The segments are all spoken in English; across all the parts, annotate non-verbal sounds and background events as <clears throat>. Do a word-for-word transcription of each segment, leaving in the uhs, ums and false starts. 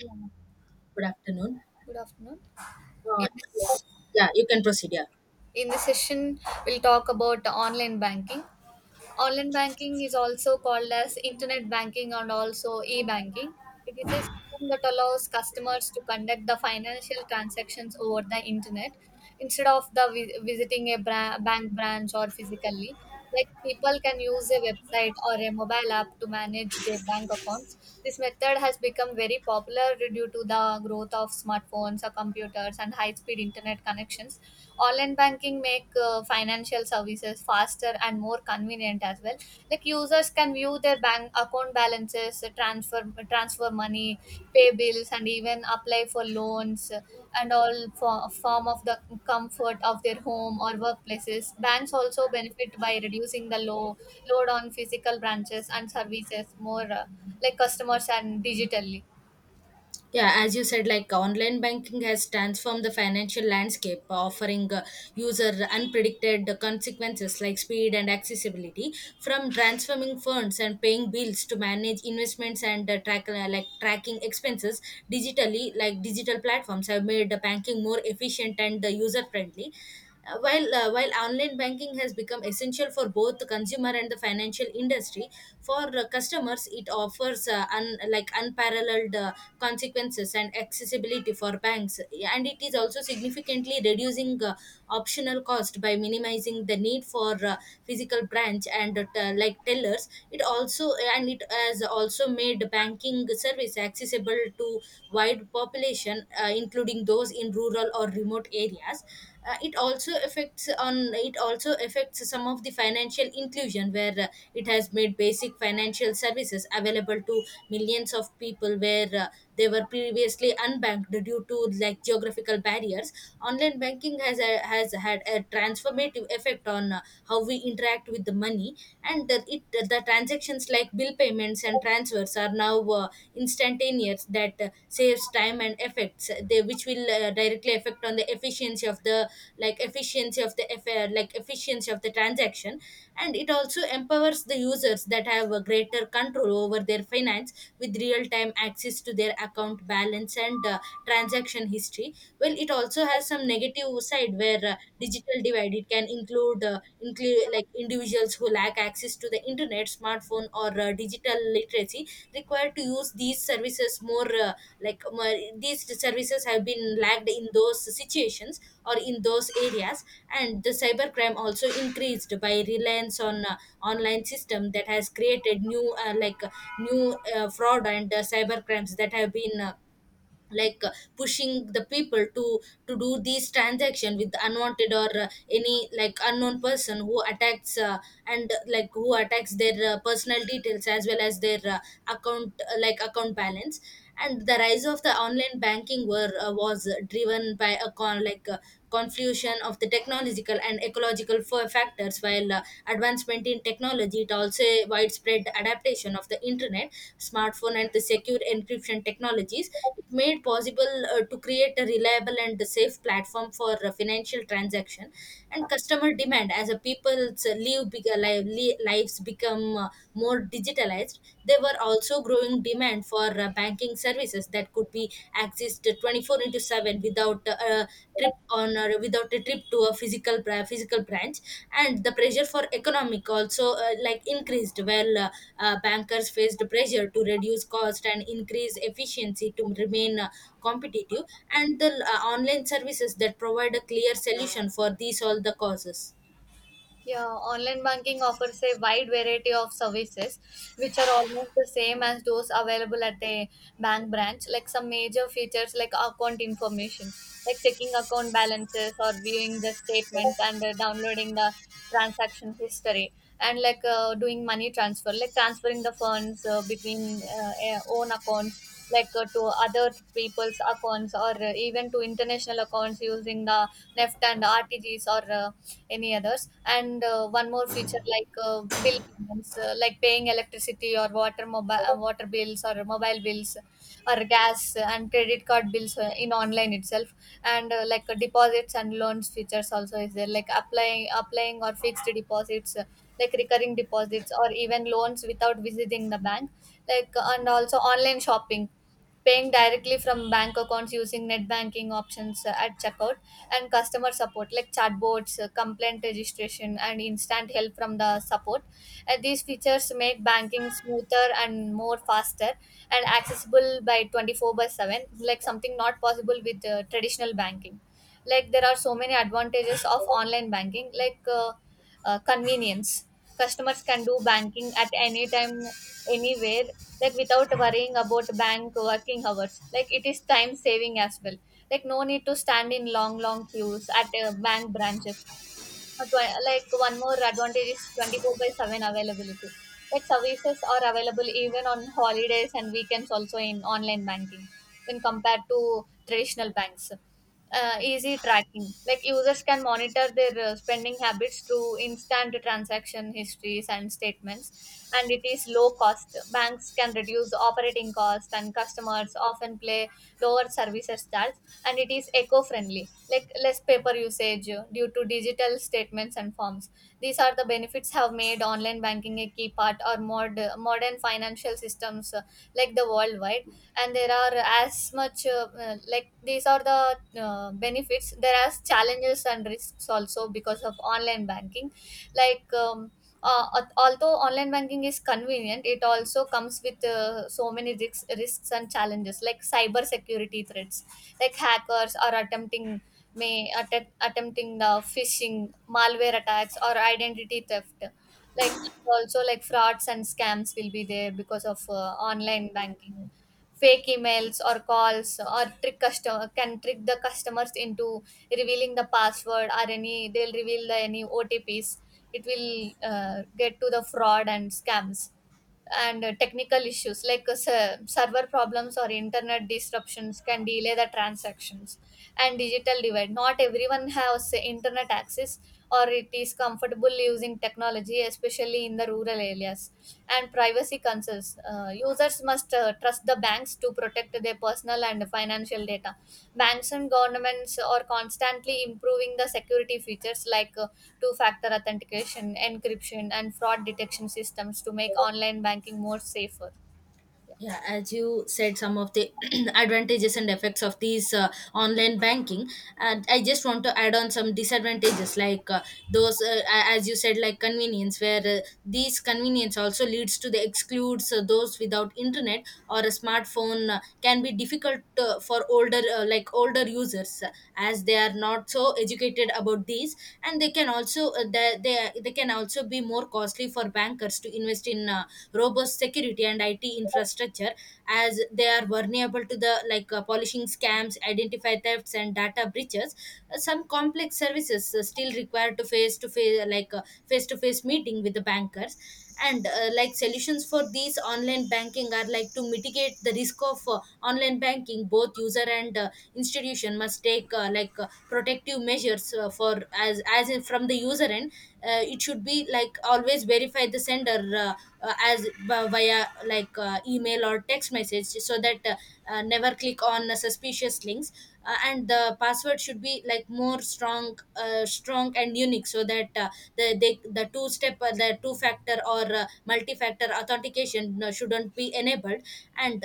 Yeah. Good afternoon. Good afternoon. Uh, In this, yeah, you can proceed. Yeah. in this session, we'll talk about online banking. Online banking is also called as internet banking and also e-banking. It is a system that allows customers to conduct the financial transactions over the internet instead of the vi- visiting a bra- bank branch or physically. Like people can use a website or a mobile app to manage their bank accounts. This method has become very popular due to the growth of smartphones or computers and high-speed internet connections. Online banking make uh, financial services faster and more convenient as well. Like users can view their bank account balances, uh, transfer transfer money, pay bills, and even apply for loans, uh, and all for, form of the comfort of their home or workplaces. Banks also benefit by reducing the low load on physical branches and services more, uh, like customers, and digitally. Yeah, as you said, like online banking has transformed the financial landscape, offering uh, user unpredicted consequences like speed and accessibility. From transforming funds and paying bills to manage investments and uh, track uh, like tracking expenses digitally, like digital platforms have made the banking more efficient and uh, user friendly. Uh, while uh, while online banking has become essential for both the consumer and the financial industry, for uh, customers, it offers uh, un- like unparalleled uh, consequences and accessibility for banks, and it is also significantly reducing uh, optional cost by minimizing the need for uh, physical branch and uh, t- like tellers. It also and it has also made banking service accessible to wide population, uh, including those in rural or remote areas. Uh, it also affects on it also affects some of the financial inclusion where uh, it has made basic financial services available to millions of people where uh, they were previously unbanked due to like geographical barriers. Online banking has a, has had a transformative effect on uh, how we interact with the money, and the it the transactions like bill payments and transfers are now uh, instantaneous that uh, saves time and effects they which will uh, directly affect on the efficiency of the like efficiency of the affair like efficiency of the transaction. And it also empowers the users that have a greater control over their finance with real time access to their account balance and uh, transaction history. Well, it also has some negative side where uh, digital divide. It can include uh, include like individuals who lack access to the internet, smartphone, or uh, digital literacy required to use these services more. Uh, like more, these services have been lacked in those situations or in those areas, and the cybercrime also increased by reliance on uh, online system that has created new uh, like uh, new uh, fraud and uh, cyber crimes that have been uh, like uh, pushing the people to to do these transaction with unwanted or uh, any like unknown person who attacks uh, and uh, like who attacks their uh, personal details as well as their uh, account uh, like account balance. And the rise of the online banking were uh, was driven by a con like uh, confusion of the technological and ecological fa- factors while while uh, advancement in technology. It also widespread adaptation of the internet, smartphone, and the secure encryption technologies. It made possible uh, to create a reliable and safe platform for uh, financial transaction. And customer demand as a people's uh, live big, live, li- lives become uh, more digitalized. There were also growing demand for uh, banking services services that could be accessed twenty four into seven without uh, a trip on or without a trip to a physical bra- physical branch. And the pressure for economic also uh, like increased while uh, uh, bankers faced pressure to reduce cost and increase efficiency to remain uh, competitive, and the uh, online services that provide a clear solution for these all the causes. Yeah, online banking offers a wide variety of services, which are almost the same as those available at a bank branch. Like some major features, like account information, like checking account balances or viewing the statements and uh, downloading the transaction history, and like uh, doing money transfer, like transferring the funds uh, between uh, eh, own accounts, like uh, to other people's accounts or uh, even to international accounts using the N E F T and R T G S, or uh, any others. And uh, one more feature, like uh, bill payments, uh, like paying electricity or water, mobile, uh, water bills or mobile bills or gas and credit card bills, uh, in online itself. And uh, like uh, deposits and loans features also is there, like applying applying or fixed deposits, uh, like recurring deposits or even loans without visiting the bank, like uh, and also online shopping, paying directly from bank accounts using net banking options uh, at checkout. And customer support, like chatbots, uh, complaint registration, and instant help from the support. Uh, these features make banking smoother and more faster and accessible by twenty four by seven, like something not possible with uh, traditional banking. Like there are so many advantages of online banking, like uh, uh, convenience. Customers can do banking at any time, anywhere, like without worrying about bank working hours. Like it is time saving as well. Like no need to stand in long, long queues at uh, bank branches. Adva- like one more advantage is twenty four by seven availability, like services are available even on holidays and weekends also in online banking when compared to traditional banks. Uh, easy tracking, like users can monitor their uh, spending habits through instant transaction histories and statements. And it is low cost, banks can reduce operating cost and customer customers often play lower services charge. And it is eco-friendly, like less paper usage uh, due to digital statements and forms. These are the benefits have made online banking a key part or mod, modern financial systems, uh, like the worldwide. And there are as much, uh, uh, like these are the, uh, benefits. There are challenges and risks also because of online banking, like um, uh, al- although online banking is convenient, it also comes with uh, so many risks, risks and challenges, like cyber security threats, like hackers are attempting, may att- attempting the phishing, malware attacks, or identity theft. Like also like frauds and scams will be there because of uh, online banking. Fake emails or calls or trick customer can trick the customers into revealing the password, or any, they'll reveal the any O T Ps. It will uh, get to the fraud and scams. And uh, technical issues, like uh, ser- server problems or internet disruptions can delay the transactions. And digital divide, not everyone has internet access or it is comfortable using technology, especially in the rural areas. And privacy concerns, uh, users must uh, trust the banks to protect their personal and financial data. Banks and governments are constantly improving the security features, like uh, two factor authentication, encryption, and fraud detection systems to make online banking more safer. Yeah, as you said, some of the <clears throat> advantages and effects of these uh, online banking, and I just want to add on some disadvantages, like uh, those, uh, a- as you said, like convenience, where uh, these convenience also leads to the excludes uh, those without internet or a smartphone uh, can be difficult uh, for older, uh, like older users, uh, as they are not so educated about these, and they can also uh, they they, they can can also be more costly for bankers to invest in uh, robust security and I T infrastructure, as they are vulnerable to the like uh, polishing scams, identify thefts, and data breaches. Uh, some complex services uh, still require to face to face like face to face meeting with the bankers. And uh, like solutions for these online banking are like to mitigate the risk of uh, online banking. Both user and uh, institution must take uh, like uh, protective measures uh, for as as in from the user end. Uh, it should be like always verify the sender uh, uh, as b- via like uh, email or text message so that uh, uh, never click on uh, suspicious links. Uh, and the password should be like more strong uh, strong and unique, so that uh, the they, the two step uh, the two factor or uh, multi factor authentication uh, shouldn't be enabled. And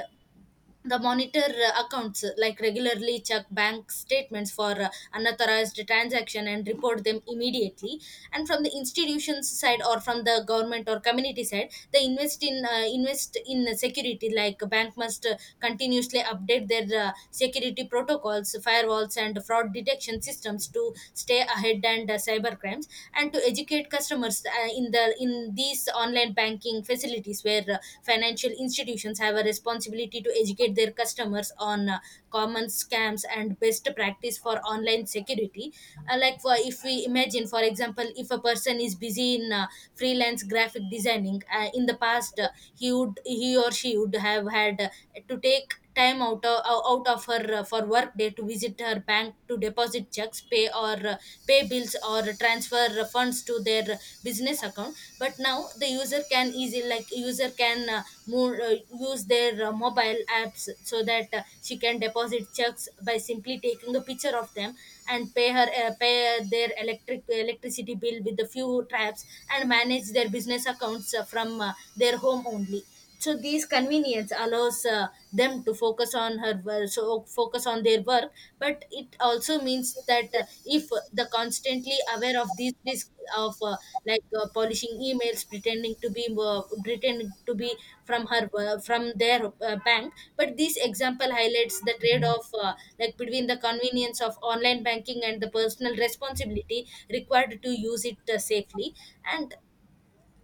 the monitor uh, accounts, uh, like regularly check bank statements for uh, unauthorized transaction and report them immediately. And from the institutions side or from the government or community side, they invest in uh, invest in security. Like bank must uh, continuously update their uh, security protocols, firewalls, and fraud detection systems to stay ahead and uh, cyber crimes. And to educate customers uh, in the in these online banking facilities, where uh, financial institutions have a responsibility to educate their customers on uh, common scams and best practice for online security. Uh, like, for if we imagine, for example, if a person is busy in uh, freelance graphic designing, uh, in the past uh, he would he or she would have had uh, to take time out of, out of her uh, for work day to visit her bank to deposit checks, pay or uh, pay bills or transfer funds to their business account. But now the user can easily, like user can uh, move, uh, use their uh, mobile apps so that uh, she can deposit checks by simply taking a picture of them, and pay her uh, pay their electric electricity bill with a few taps, and manage their business accounts uh, from uh, their home only. So these convenience allows uh, them to focus on her wo- so focus on their work, but it also means that uh, if the constantly aware of these risks of uh, like uh, polishing emails, pretending to be uh, pretending to be from her uh, from their uh, bank. But this example highlights the trade off, uh, like between the convenience of online banking and the personal responsibility required to use it uh, safely. and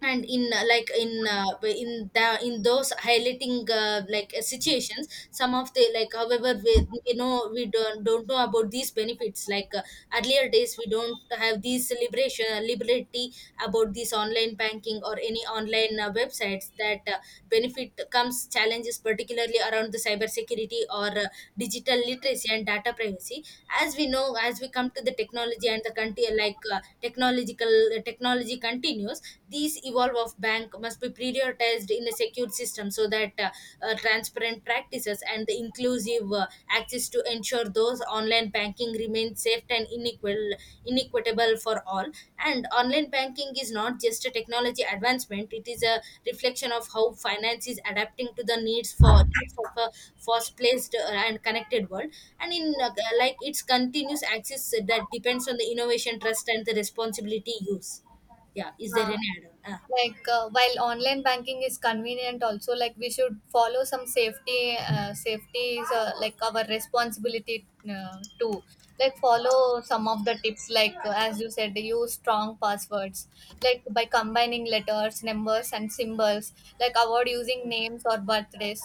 and in uh, like in uh, in the in those highlighting uh, like uh, situations, some of the like, however, we you know we don't don't know about these benefits. Like, uh, earlier days we don't have these liberation liberty about this online banking or any online uh, websites, that uh, benefit comes challenges, particularly around the cyber security or uh, digital literacy and data privacy. As we know, as we come to the technology and the country, like uh, technological uh, technology continues. These evolve of bank must be prioritized in a secure system so that uh, uh, transparent practices and the inclusive uh, access to ensure those online banking remains safe and unequal inequitable for all. And online banking is not just a technology advancement. It is a reflection of how finance is adapting to the needs for needs of a fast placed and connected world. And in uh, like its continuous access that depends on the innovation, trust, and the responsibility use. Yeah, is there Yeah. any add-on? Ah. Like uh, while online banking is convenient, also like we should follow some safety. Uh, safety is uh, like our responsibility uh, too. Like follow some of the tips, like uh, as you said, use strong passwords. Like by combining letters, numbers, and symbols. Like avoid using names or birthdays.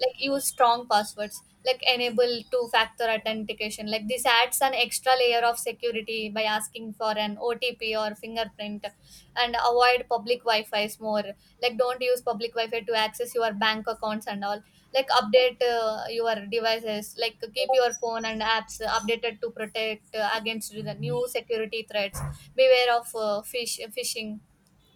Like use strong passwords, like enable two factor authentication, like this adds an extra layer of security by asking for an O T P or fingerprint. And avoid public wi-fi's more, like don't use public wi-fi to access your bank accounts and all. Like update uh, your devices, like keep your phone and apps updated to protect uh, against the new security threats. Beware of uh, fish phishing,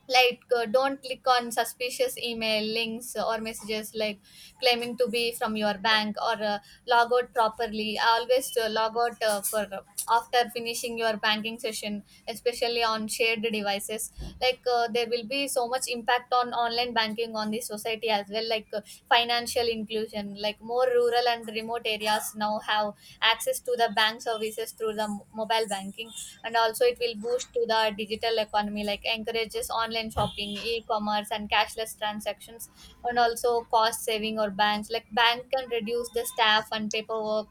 like uh, don't click on suspicious email links or messages, like claiming to be from your bank, or uh, log out properly. Always uh, log out uh, for uh, after finishing your banking session, especially on shared devices. Like uh, there will be so much impact on on online banking on the society as well, like uh, financial inclusion, like more rural and remote areas now have access to the bank services through the mo- mobile banking. And also it will boost to the digital economy, like encourages online shopping, e-commerce, and cashless transactions. And also cost saving or banks, like bank can reduce the staff and paperwork,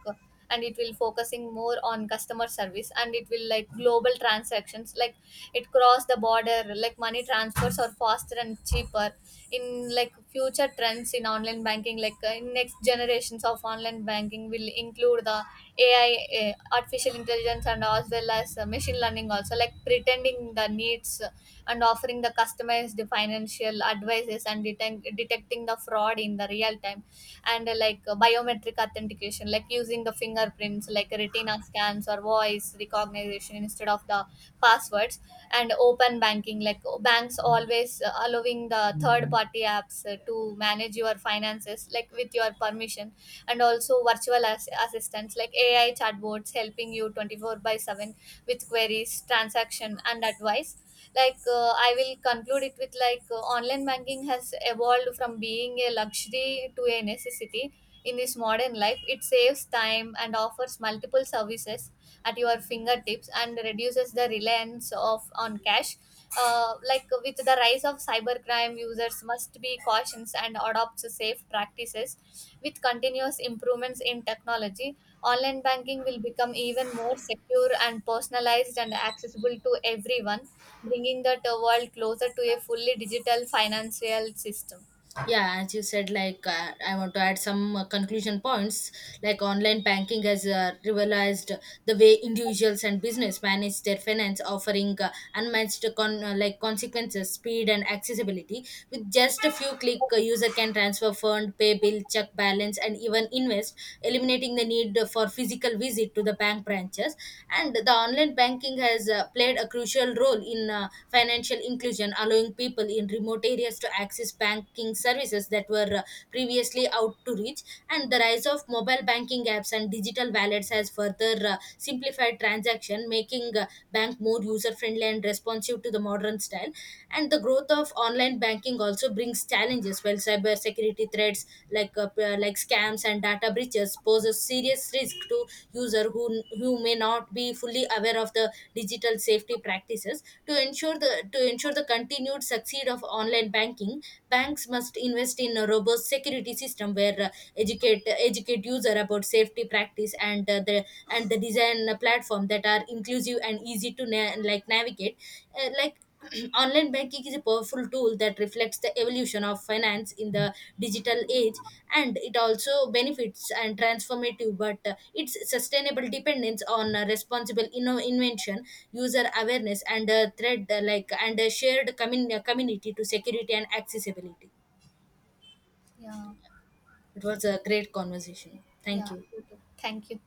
and it will focusing more on customer service. And it will like global transactions, like it crossed the border, like money transfers are faster and cheaper. In like future trends in online banking, like uh, in next generations of online banking will include the A I, uh, artificial intelligence, and as well as uh, machine learning also, like pretending the needs and offering the customized financial advices and detect- detecting the fraud in the real time. And uh, like uh, biometric authentication, like using the fingerprints, like retina scans or voice recognition instead of the passwords. And open banking, like banks always uh, allowing the third party apps uh, to manage your finances, like with your permission. And also virtual as- assistants, like A I chatbots helping you twenty four by seven with queries, transaction, and advice. Like uh, I will conclude it with, like uh, online banking has evolved from being a luxury to a necessity. In this modern life, it saves time and offers multiple services at your fingertips, and reduces the reliance of on cash. Uh, like with the rise of cybercrime, users must be cautious and adopt safe practices. With continuous improvements in technology, online banking will become even more secure and personalized and accessible to everyone, bringing the t- world closer to a fully digital financial system. Yeah, as you said, like uh, i want to add some uh, conclusion points. Like online banking has uh, revolutionized the way individuals and business manage their finance, offering uh, unmatched con- uh, like consequences, speed, and accessibility. With just a few click, a user can transfer fund, pay bill, check balance, and even invest, eliminating the need for physical visit visit to the bank branches. And the online banking has uh, played a crucial role in uh, financial inclusion, allowing people in remote areas to access banking services that were uh, previously out to reach. And the rise of mobile banking apps and digital wallets has further uh, simplified transaction, making uh, bank more user friendly and responsive to the modern style. And the growth of online banking also brings challenges, while cyber security threats, like uh, p- uh, like scams and data breaches, poses serious risk to user who who may not be fully aware of the digital safety practices. To ensure the to ensure the continued succeed of online banking, banks must invest in a robust security system, where uh, educate educate user about safety practice, and uh, the and the design platform that are inclusive and easy to na- like navigate. Uh, like, <clears throat> online banking is a powerful tool that reflects the evolution of finance in the digital age. And it also benefits and transformative, but uh, its sustainable dependence on uh, responsible inno- invention, user awareness, and uh, thread, uh, like, and a shared commun- community to security and accessibility. Yeah, It was a great conversation. Thank yeah, you. you too. Thank you.